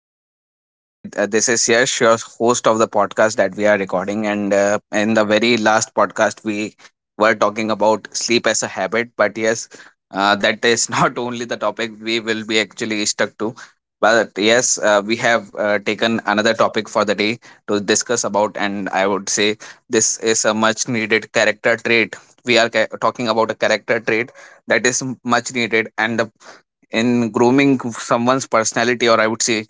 everyone. Today, this is Yash, your host of the podcast that we are recording. And in the very last podcast, we were talking about sleep as a habit. But yes, that is not only the topic we will be actually stuck to. But yes, we have taken another topic for the day to discuss about. And I would say this is a much needed character trait. We are talking about a character trait that is much needed and the in grooming someone's personality, or I would say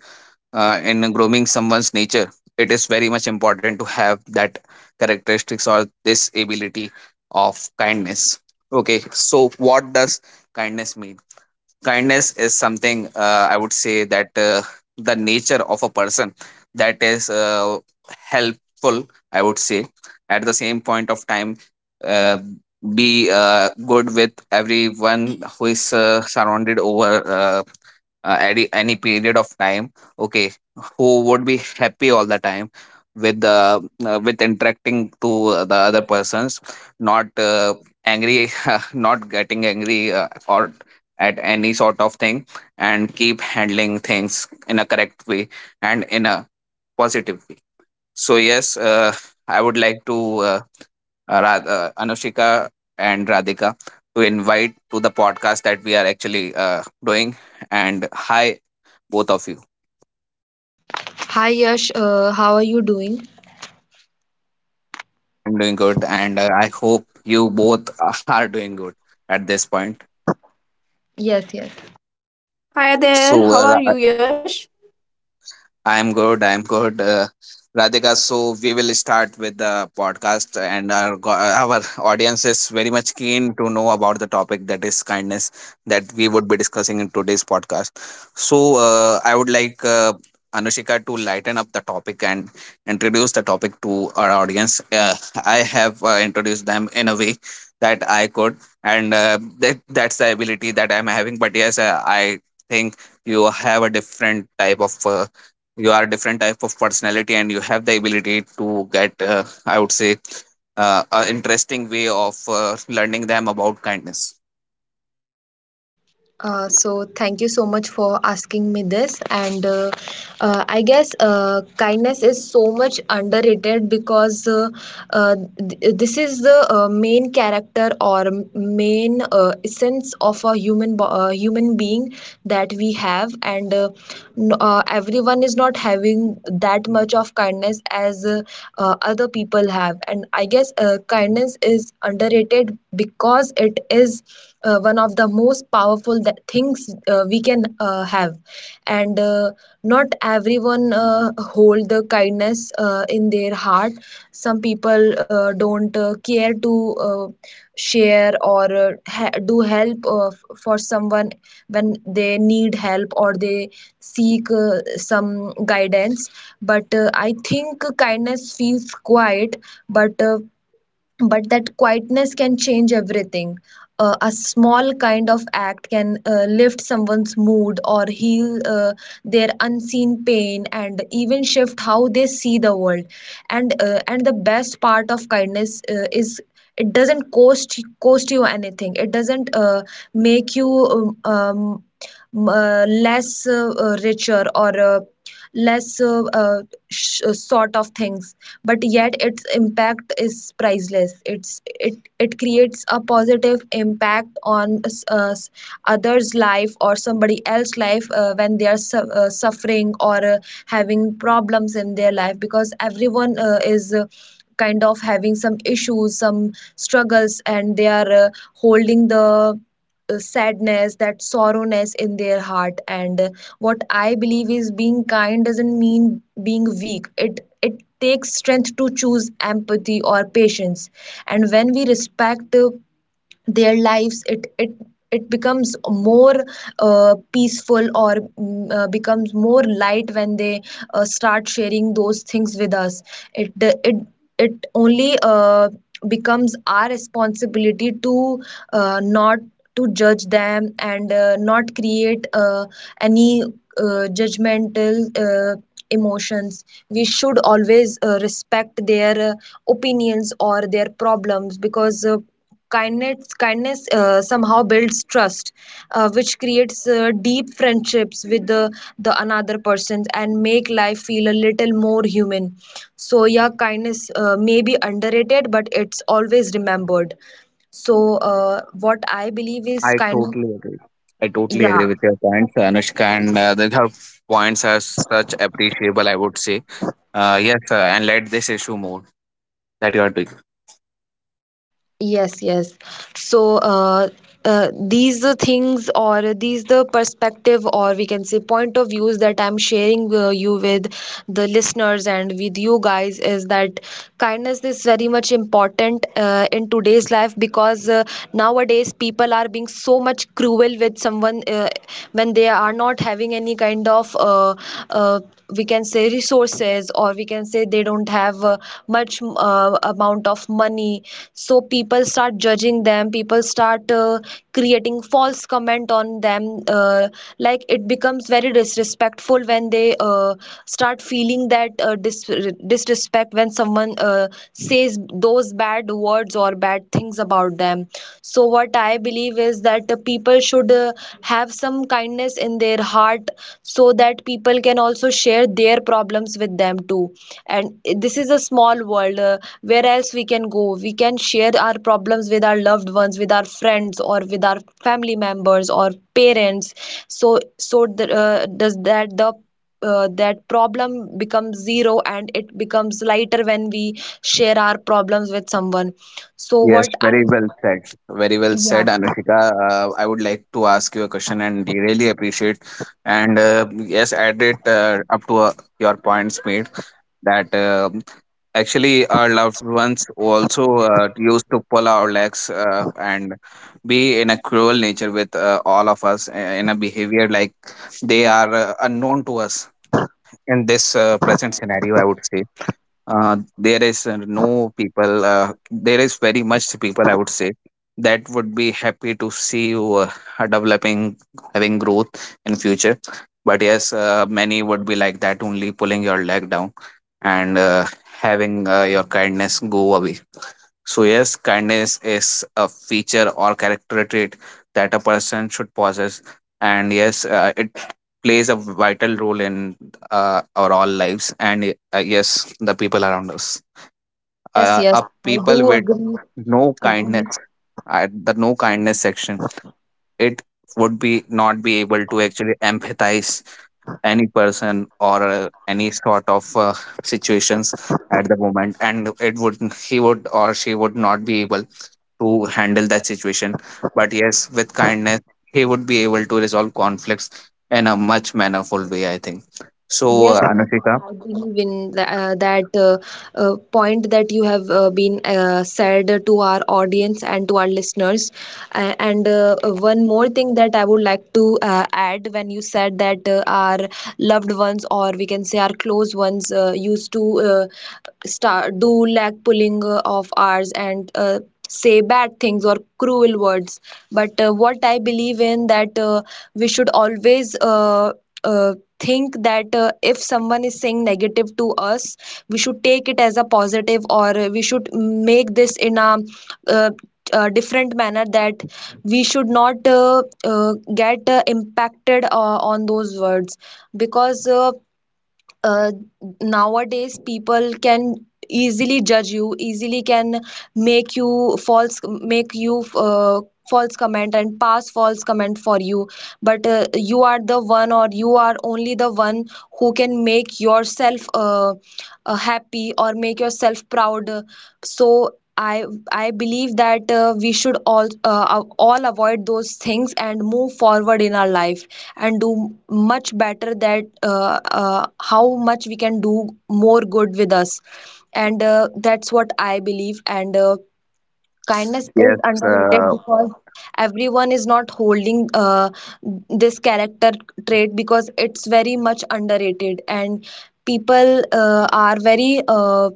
in grooming someone's nature, it is very much important to have that characteristics or this ability of kindness. Okay, so what does kindness mean? Kindness is something, I would say, that the nature of a person that is helpful, I would say. At the same point of time, uh, be good with everyone who is surrounded over uh, any period of time. Okay, who would be happy all the time with the, with interacting to the other persons, not angry, not getting angry or at any sort of thing, and keep handling things in a correct way and in a positive way. So yes, I would like to Anushika and Radhika to invite to the podcast that we are actually doing. And hi, both of you. Hi Yash, how are you doing? I'm doing good, and I hope you both are doing good at this point. Yes, yes. Hi there, So, how are you, Yash? I'm good. I'm good. Radhika, so we will start with the podcast, and our our audience is very much keen to know about the topic that is kindness, that we would be discussing in today's podcast. So I would like Anushika to lighten up the topic and introduce the topic to our audience. I have introduced them in a way that I could, and that's the ability that I'm having. But yes, I think you have a different type of you are a different type of personality, and you have the ability to get, I would say, an interesting way of learning them about kindness. So thank you so much for asking me this, and I guess kindness is so much underrated because this is the main character or main essence of a human being that we have. And everyone is not having that much of kindness as other people have, and I guess kindness is underrated because it is one of the most powerful that things we can have. And not everyone hold the kindness in their heart. Some people don't care to share or do help for someone when they need help or they seek some guidance. But I think kindness feels quiet, but but that quietness can change everything. A small kind of act can lift someone's mood or heal their unseen pain, and even shift how they see the world. And the best part of kindness is, it doesn't cost you anything. It doesn't make you less richer or less sort of things, but yet its impact is priceless. It creates a positive impact on uh, others life or somebody else life when they are suffering or having problems in their life, because everyone is kind of having some issues, some struggles, and they are holding the sadness, that sorrowness in their heart. And what I believe is, being kind doesn't mean being weak. It takes strength to choose empathy or patience, and when we respect their lives, it becomes more peaceful, or becomes more light when they start sharing those things with us. It it it only becomes our responsibility to not to judge them, and not create any judgmental emotions. We should always respect their opinions or their problems, because kindness somehow builds trust, which creates deep friendships with the another person, and make life feel a little more human. So yeah, kindness may be underrated, but it's always remembered. So what I believe is I kind. totally agree. I totally agree Yeah. with your points, Anushka, and the her points are such appreciable, I would say. Yes, and let this issue more that you are. Yes, yes. So, these the things, or these the perspective, or we can say point of views, that I'm sharing you with the listeners and with you guys, is that kindness is very much important in today's life, because nowadays people are being so much cruel with someone when they are not having any kind of uh, we can say resources, or we can say they don't have much amount of money. So people start judging them, people start creating false comment on them, uh, like it becomes very disrespectful when they start feeling that dis, disrespect, when someone says those bad words or bad things about them. So what I believe is that people should have some kindness in their heart, so that people can also share their problems with them too. And this is a small world, where else we can go? We can share our problems with our loved ones, with our friends, or with our family members or parents. So does that, the that problem becomes zero, and it becomes lighter when we share our problems with someone. So Yes, what I... very well said. Very well Yeah. said, Anushika. I would like to ask you a question, and we really appreciate. And yes, add it up to your points made that actually our loved ones also used to pull our legs and be in a cruel nature with all of us in a behavior like they are unknown to us in this present scenario. I would say there is no people, there is very much people, I would say, that would be happy to see you are developing, having growth in future. But yes, many would be like that, only pulling your leg down and having your kindness go away. So yes, kindness is a feature or character trait that a person should possess. And yes, it plays a vital role in our all lives. And yes, the people around us, Yes, yes, up I do people with agree. no Agree. kindness, at the no kindness section, it would be not be able to actually empathize any person or any sort of situations at the moment, and it would, he would or she would not be able to handle that situation. But yes, with kindness he would be able to resolve conflicts in a much mannerful way, I think. So Yes, yes, Anushika, I believe in that point that you have been said to our audience and to our listeners. And one more thing that I would like to add, when you said that our loved ones, or we can say our close ones, used to start do leg pulling of ours, and say bad things or cruel words. But what I believe in that we should always uh, think that if someone is saying negative to us, we should take it as a positive, or we should make this in a uh, different manner, that we should not get impacted on those words, because uh, nowadays people can easily judge you, easily can make you false, make you false comment, and pass false comment for you. But you are the one, or you are only the one who can make yourself happy, or make yourself proud. So I I believe that we should all avoid those things and move forward in our life, and do much better, that how much we can do more good with us. And that's what I believe. And kindness is yes underrated, uh, because everyone is not holding this character trait, because it's very much underrated, and people are very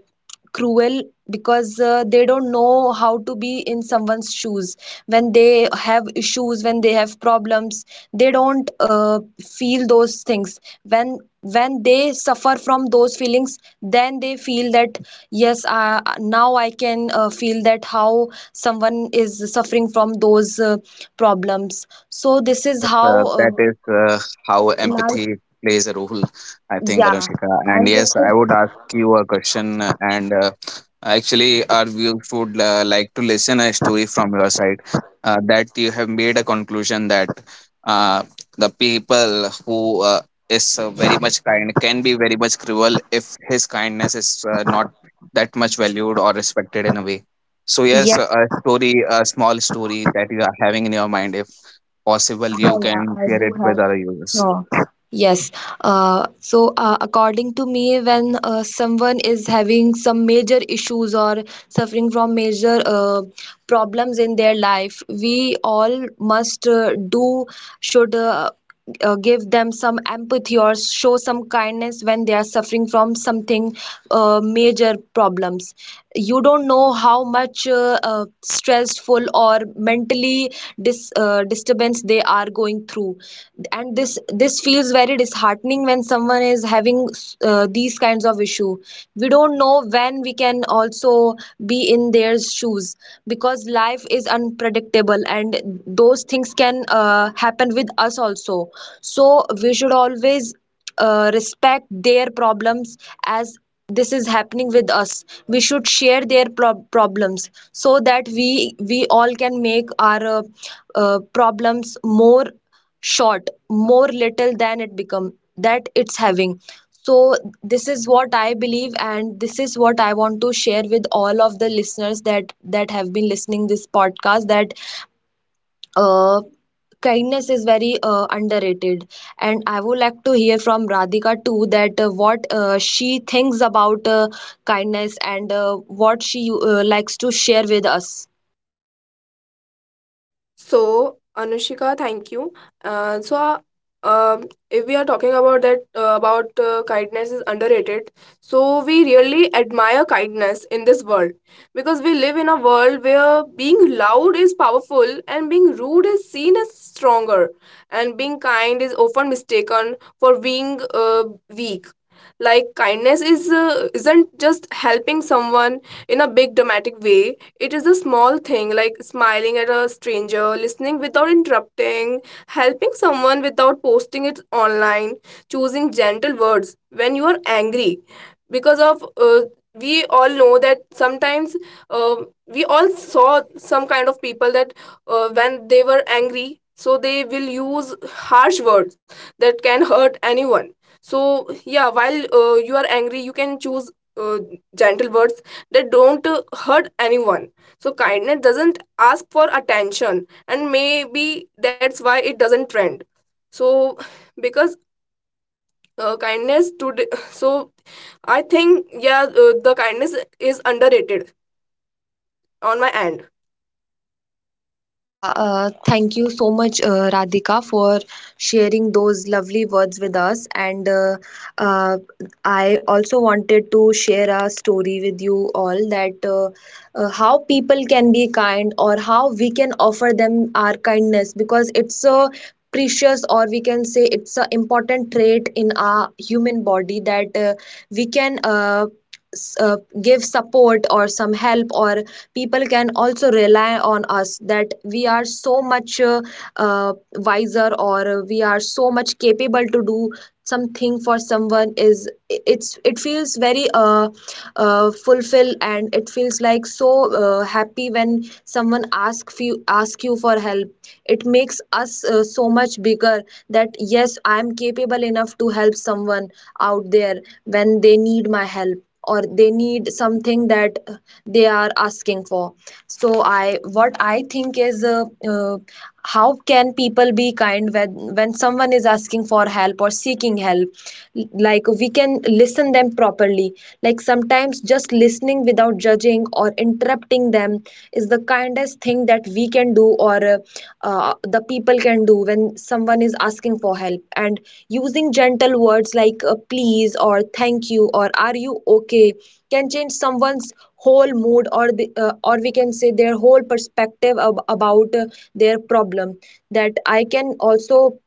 cruel, because they don't know how to be in someone's shoes, when they have issues, when they have problems. They don't feel those things. When they suffer from those feelings, then they feel that yes, now I can feel that how someone is suffering from those problems. So this is yes, how that is how life... empathy plays a role, I think, Yeah. Anushika. And And this yes, I is... would ask you a question, and actually, our viewers would like to listen a story from your side, that you have made a conclusion that uh, the people who is very much kind can be very much cruel if his kindness is not that much valued or respected in a way. So yes, Yes. a story, a small story that you are having in your mind, if possible, Yeah, you yeah, can I share do it with have. other users. Sure. Yes. So, according to me, when someone is having some major issues or suffering from major problems in their life, we all must, do, should give them some empathy or show some kindness when they are suffering from something major problems. You don't know how much stressful or mentally disturbance they are going through, and this feels very disheartening when someone is having these kinds of issue. We don't know when we can also be in their shoes, because life is unpredictable, and those things can happen with us also. So we should always respect their problems, as this is happening with us. We should share their problems, so that we all can make our problems more short, more little than it become, that it's having. So this is what I believe, and this is what I want to share with all of the listeners that have been listening this podcast, that uh, kindness is very underrated, and I would like to hear from Radhika too, that what she thinks about kindness, and what she likes to share with us. So, Anushika, thank you. Uh, so, uh, um if we are talking about kindness is underrated. So, we really admire kindness in this world because we live in a world where being loud is powerful and being rude is seen as stronger, and being kind is often mistaken for being weak. Like kindness is isn't just helping someone in a big dramatic way. It is a small thing like smiling at a stranger, listening without interrupting, helping someone without posting it online, choosing gentle words when you are angry. Because of We all know that sometimes uh, we all saw some kind of people that when they were angry, so they will use harsh words that can hurt anyone. So yeah, while you are angry, you can choose uh, gentle words that don't hurt anyone. So kindness doesn't ask for attention, and maybe that's why it doesn't trend. So because kindness today, so I think, yeah, the kindness is underrated on my end. Yeah, thank you so much, Radhika, for sharing those lovely words with us. And uh, I also wanted to share a story with you all, that how people can be kind, or how we can offer them our kindness, because it's a precious, or we can say it's an important trait in our human body, that we can s- uh, give support or some help, or people can also rely on us, that we are so much uh, wiser, or we are so much capable to do something for someone. Is it's it feels very fulfill, and it feels like so happy when someone ask you for help. It makes us so much bigger, that yes, I am capable enough to help someone out there, when they need my help, or they need something that they are asking for. So I what I think is, uh, how can people be kind when someone is asking for help or seeking help? Like we can listen them properly. Like sometimes just listening without judging or interrupting them is the kindest thing that we can do, or the people can do, when someone is asking for help. And using gentle words like please, or thank you, or are you okay, can change someone's whole mood, or or we can say their whole perspective about their problem. That I can also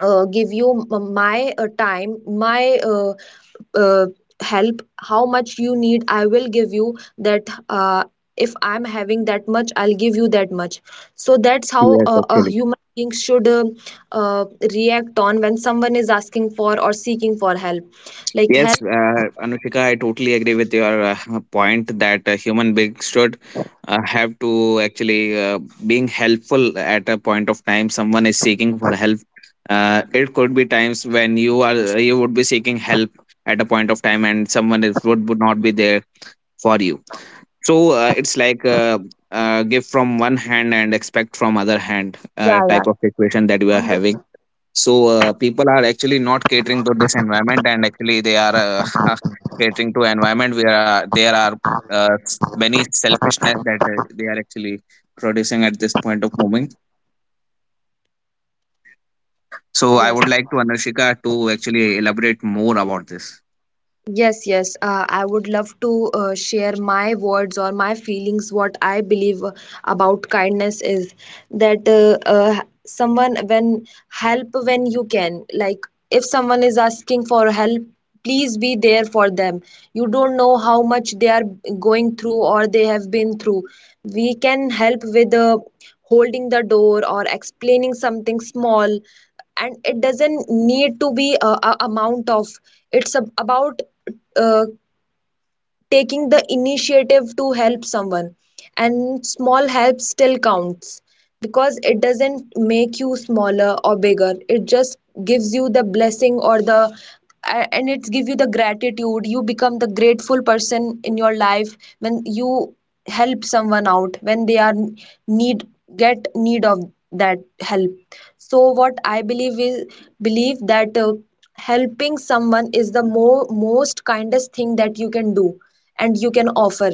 give you my time, my uh, help, how much you need I will give you that. uh, if I'm having that much, I'll give you that much. So that's how Yes, a actually. human being should uh, react on, when someone is asking for or seeking for help, like Yes, help. Anushika, I totally agree with your point that human beings should have to actually being helpful at a point of time someone is seeking for help. It could be times when you would be seeking help at a point of time, and someone is, would not be there for you. So it's like, give from one hand and expect from other hand, Yeah, yeah, type of situation that we are having. 100%. So people are actually not catering to this environment, and actually they are catering to environment where there are many selfishness that they are actually producing at this point of moment. So I Yes. would like to Anushika to actually elaborate more about this. Yes, yes. I would love to share my words or my feelings. What I believe about kindness is that someone, when help when you can. Like if someone is asking for help, please be there for them. You don't know how much they are going through or they have been through. We can help with holding the door or explaining something small, and it doesn't need to be a amount of about uh, taking the initiative to help someone, and small help still counts because it doesn't make you smaller or bigger. It just gives you the blessing or the and it gives you the gratitude. You become the grateful person in your life when you help someone out when they are need need of that help. So what I believe is Believe that helping someone is the more most kindest thing that you can do and you can offer.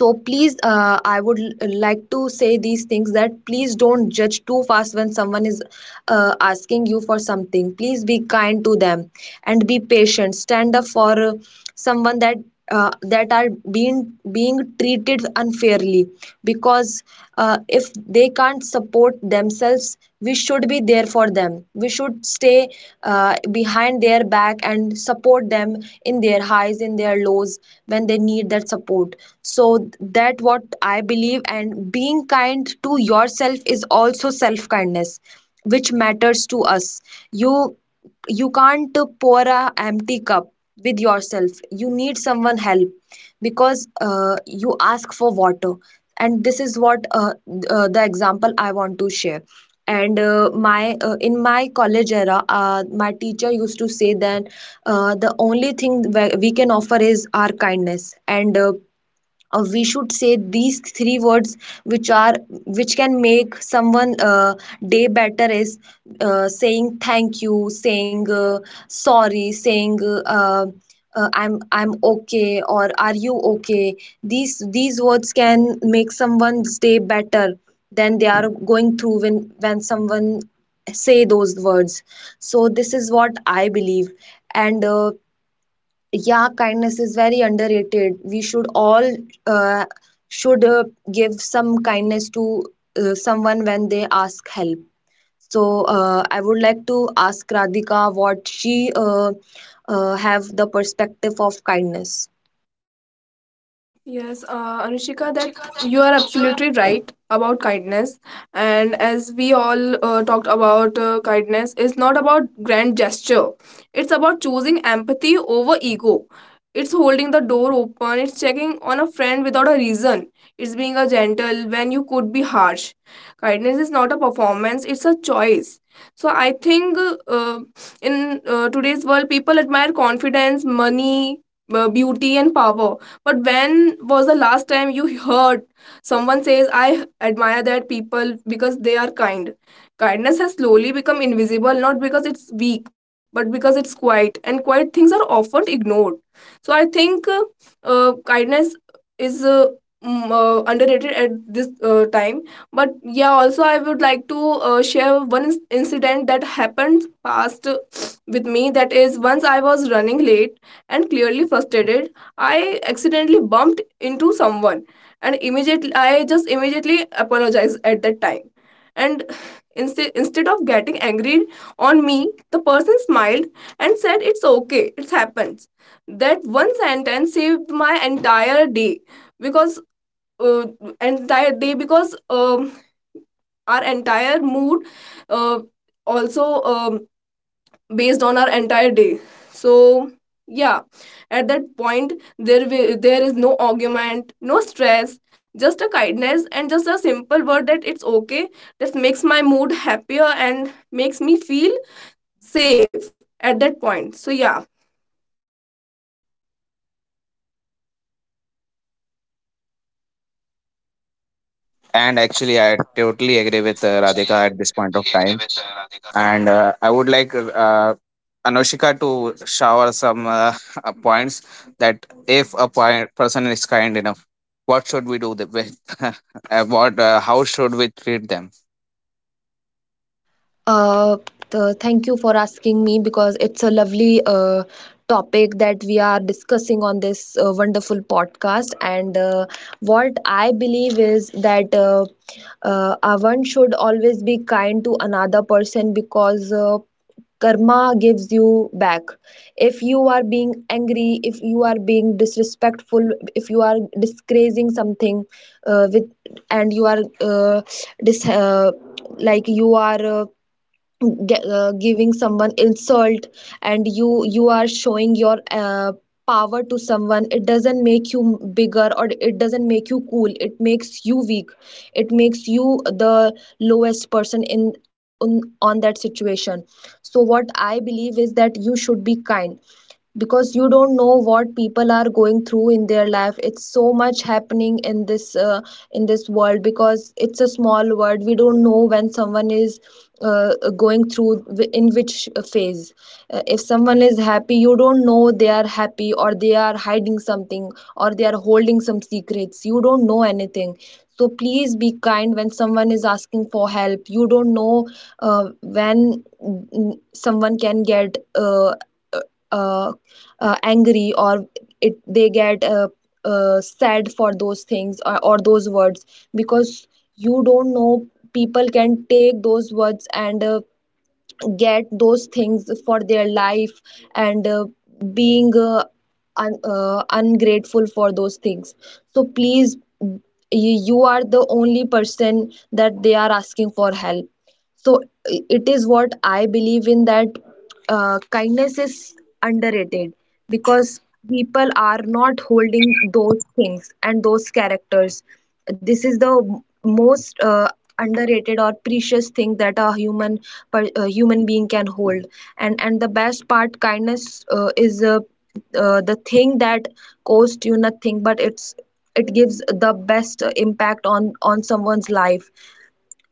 So please, I would like to say these things, that please don't judge too fast when someone is asking you for something. Please be kind to them and be patient. Stand up for someone that that are being treated unfairly, because if they can't support themselves, we should be there for them. We should stay behind their back and support them in their highs, in their lows, when they need that support. So that what I believe. And being kind to yourself is also self kindness, which matters to us. You you can't pour a empty cup with yourself. You need someone help, because you ask for water. And this is what the example I want to share. And my in my college era, my teacher used to say that the only thing we can offer is our kindness. And we should say these three words, which are, which can make someone day better, is saying thank you, saying sorry, saying I'm okay or are you okay. These words can make someone's day better than they are going through, when someone say those words. So this is what I believe. And yeah, kindness is very underrated. We should all uh, should give some kindness to someone when they ask help. So I would like to ask Radhika what she have the perspective of kindness. Yes, Anushika, that you are absolutely right about kindness. And as we all talked about, kindness is not about grand gesture. It's about choosing empathy over ego. It's holding the door open. It's checking on a friend without a reason. It's being a gentle when you could be harsh. Kindness is not a performance. It's a choice. So I think, uh, in today's world, people admire confidence, money, beauty, and power, but when was the last time you heard someone says, I admire that people because they are kind? Kindness has slowly become invisible, not because it's weak but because it's quiet, and quiet things are often ignored. So I think kindness is underrated at this time. But yeah, also I would like to share one incident that happened past with me. That is, once I was running late and clearly frustrated, I accidentally bumped into someone, and immediately, I just immediately apologized at that time. And instead of getting angry on me, the person smiled and said, it's okay, it happens. That one sentence saved my entire day because, uh, entire day because um, our entire mood uh, also based on our entire day. So yeah, at that point, there is no argument, no stress, just a kindness and just a simple word that, it's okay. That makes my mood happier and makes me feel safe at that point. So yeah, And actually I totally agree with Radhika at this point of time. And I would like Anoshika to shower some points that if a point, person is kind enough, what should we do? The, with, what, how should we treat them? Uh, Thank you for asking me, because it's a lovely topic that we are discussing on this wonderful podcast. And what I believe is that. One should always be kind to another person, because karma gives you back. If you are being angry, if you are being disrespectful, if you are disgracing something with, and you are dis- uh, like you are giving someone insult, and you are showing your power to someone, it doesn't make you bigger, or it doesn't make you cool. It makes you weak. It makes you the lowest person on, on that situation. So what I believe is that you should be kind, because you don't know what people are going through in their life. It's so much happening in this world, because it's a small world. We don't know when someone is uh, going through in which phase. If someone is happy, you don't know they are happy or they are hiding something or they are holding some secrets. You don't know anything. So please be kind. When someone is asking for help, you don't know uh, when someone can get uh, angry or it they get sad for those things or those words, because you don't know. People can take those words and get those things for their life. And being un ungrateful for those things. So please, you are the only person that they are asking for help. So it is what I believe in, that kindness is underrated, because people are not holding those things and those characters. This is the most underrated or precious thing that a human a human being can hold. And the best part, kindness is the thing that costs you nothing, but it's, it gives the best impact on someone's life.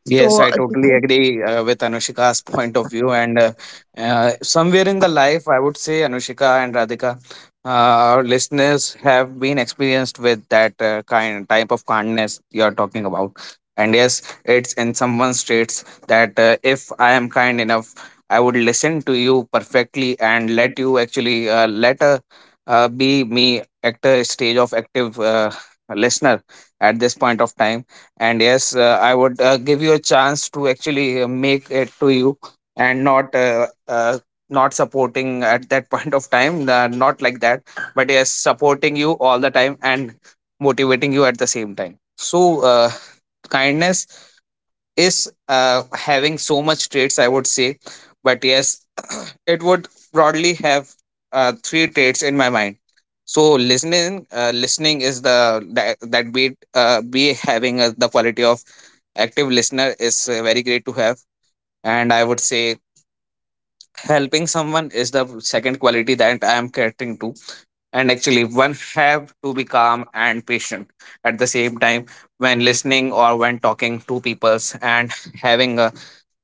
Yes, So I totally agree with Anushika's point of view. And somewhere in the life, I would say, Anushika and Radhika, uh, our listeners have been experienced with that kind type of kindness you are talking about. And yes, it's in someone states that if I am kind enough, I would listen to you perfectly and let you actually let be me at a stage of active listener at this point of time. And yes, I would give you a chance to actually make it to you, and not not supporting at that point of time, not like that, but yes supporting you all the time and motivating you at the same time. So uh, kindness is having so much traits, I would say. But yes, it would broadly have three traits in my mind. So listening, listening is the, that, that be having the quality of active listener is very great to have. And I would say helping someone is the second quality that I am catering to. And actually one have to be calm and patient at the same time, when listening or when talking to peoples, and having a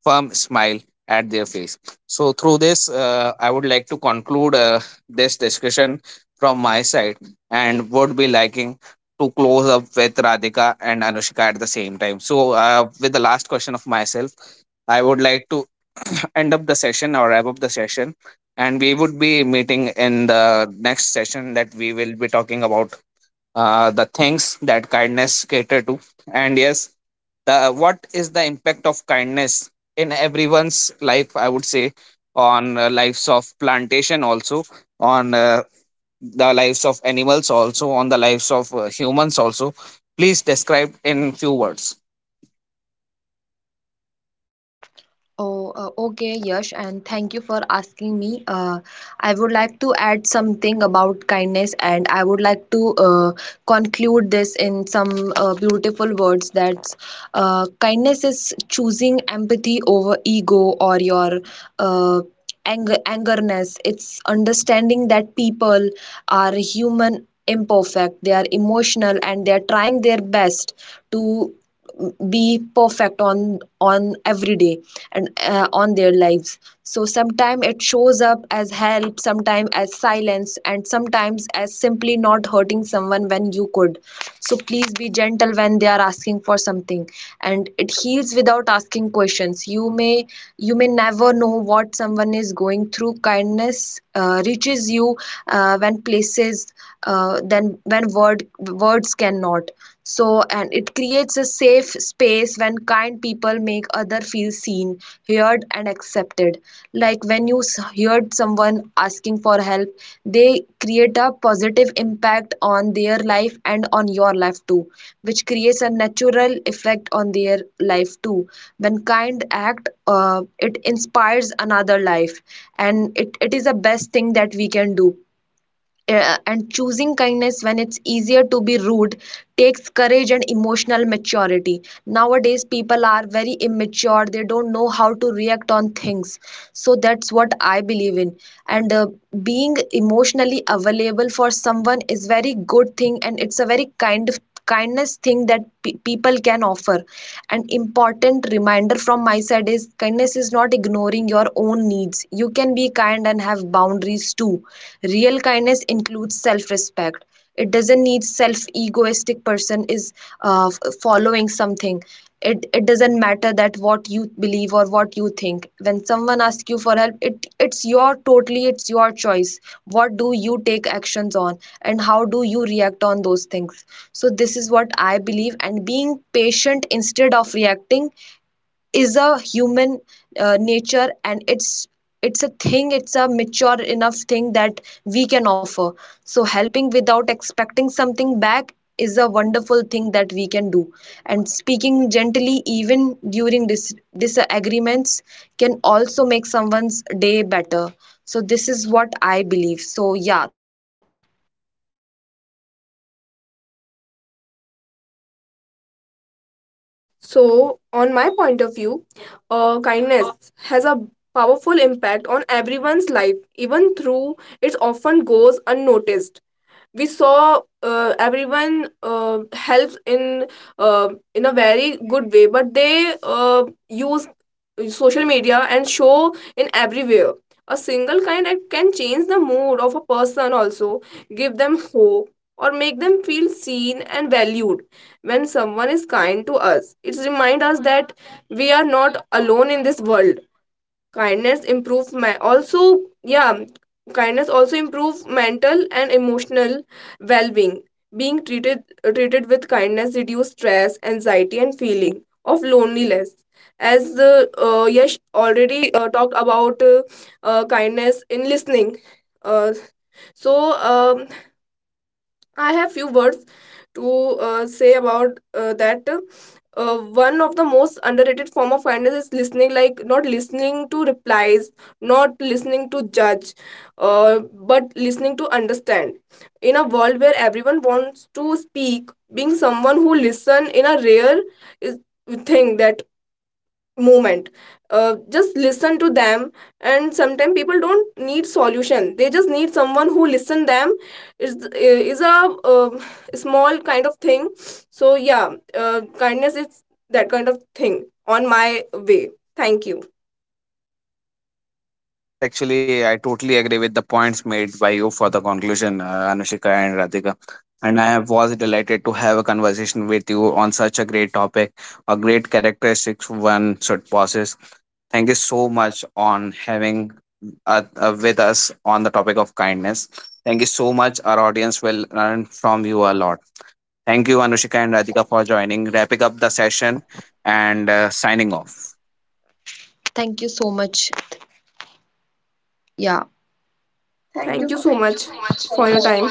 firm smile at their face. So, through this, I would like to conclude this discussion from my side, and would be liking to close up with Radhika and Anushka at the same time. So, with the last question of myself, I would like to end up the session or wrap up the session. And we would be meeting in the next session, that we will be talking about the things that kindness cater to, and yes the what is the impact of kindness in everyone's life, I would say, on lives of plantation also, on the lives of animals also, on the lives of humans also. Please describe in few words. oh, okay, Yash, and thank you for asking me. I would like to add something about kindness, and I would like to conclude this in some beautiful words, that kindness is choosing empathy over ego or your uh, anger, angerness. It's understanding that people are human, imperfect. They are emotional, and they are trying their best to be perfect on every day and on their lives. So sometimes it shows up as help, sometimes as silence, and sometimes as simply not hurting someone when you could. So please be gentle when they are asking for something. And it heals without asking questions. You may never know what someone is going through. Kindness reaches you when places then when words cannot. So and it creates a safe space when kind people make other feel seen, heard and accepted. Like when you heard someone asking for help, they create a positive impact on their life and on your life too, which creates a natural effect on their life too. When kind act, it inspires another life, and it is the best thing that we can do. Uh, and choosing kindness when it's easier to be rude takes courage and emotional maturity. Nowadays people are very immature. They don't know how to react on things. So that's what I believe in. And being emotionally available for someone is very good thing, and it's a very kind of kindness thing that people can offer. An important reminder from my side is, kindness is not ignoring your own needs. You can be kind and have boundaries too. Real kindness includes self-respect. It doesn't need self-egoistic person is following something. It doesn't matter that what you believe or what you think. When someone asks you for help, it's your totally it's your choice. What do you take actions on and how do you react on those things? So this is what I believe. And being patient instead of reacting is a human nature, and it's a thing. It's a mature enough thing that we can offer. So helping without expecting something back is a wonderful thing that we can do. And speaking gently even during disagreements can also make someone's day better. So this is what I believe. So yeah, so on my point of view, kindness has a powerful impact on everyone's life, even through it often goes unnoticed. We saw everyone helps uh, in a very good way, but they use social media and show in everywhere. A single kind act can change the mood of a person, also give them hope or make them feel seen and valued. When someone is kind to us, it reminds us that we are not alone in this world. Kindness improve my also yeah, kindness also improve mental and emotional well-being. Being treated with kindness reduce stress, anxiety, and feeling of loneliness. As Yash already talked about, kindness in listening. uh, so um, I have few words to say about that. One of the most underrated form of kindness is listening, like not listening to replies, not listening to judge, but listening to understand. In a world where everyone wants to speak, being someone who listen in a rare is thing that moment, just listen to them. And sometimes people don't need solution, they just need someone who listen them is a small kind of thing. So yeah, kindness is that kind of thing on my way. Thank you. Yes, actually, I totally agree with the points made by you for the conclusion, Anushika and Radhika. And I have- was delighted to have a conversation with you on such a great topic, a great characteristics one should possess. Thank you so much on having with us on the topic of kindness. Thank you so much. Our audience will learn from you a lot. Thank you, Anushika and Radhika, for joining, wrapping up the session, and signing off. thank you so much. Yeah. Thank you so much for your time.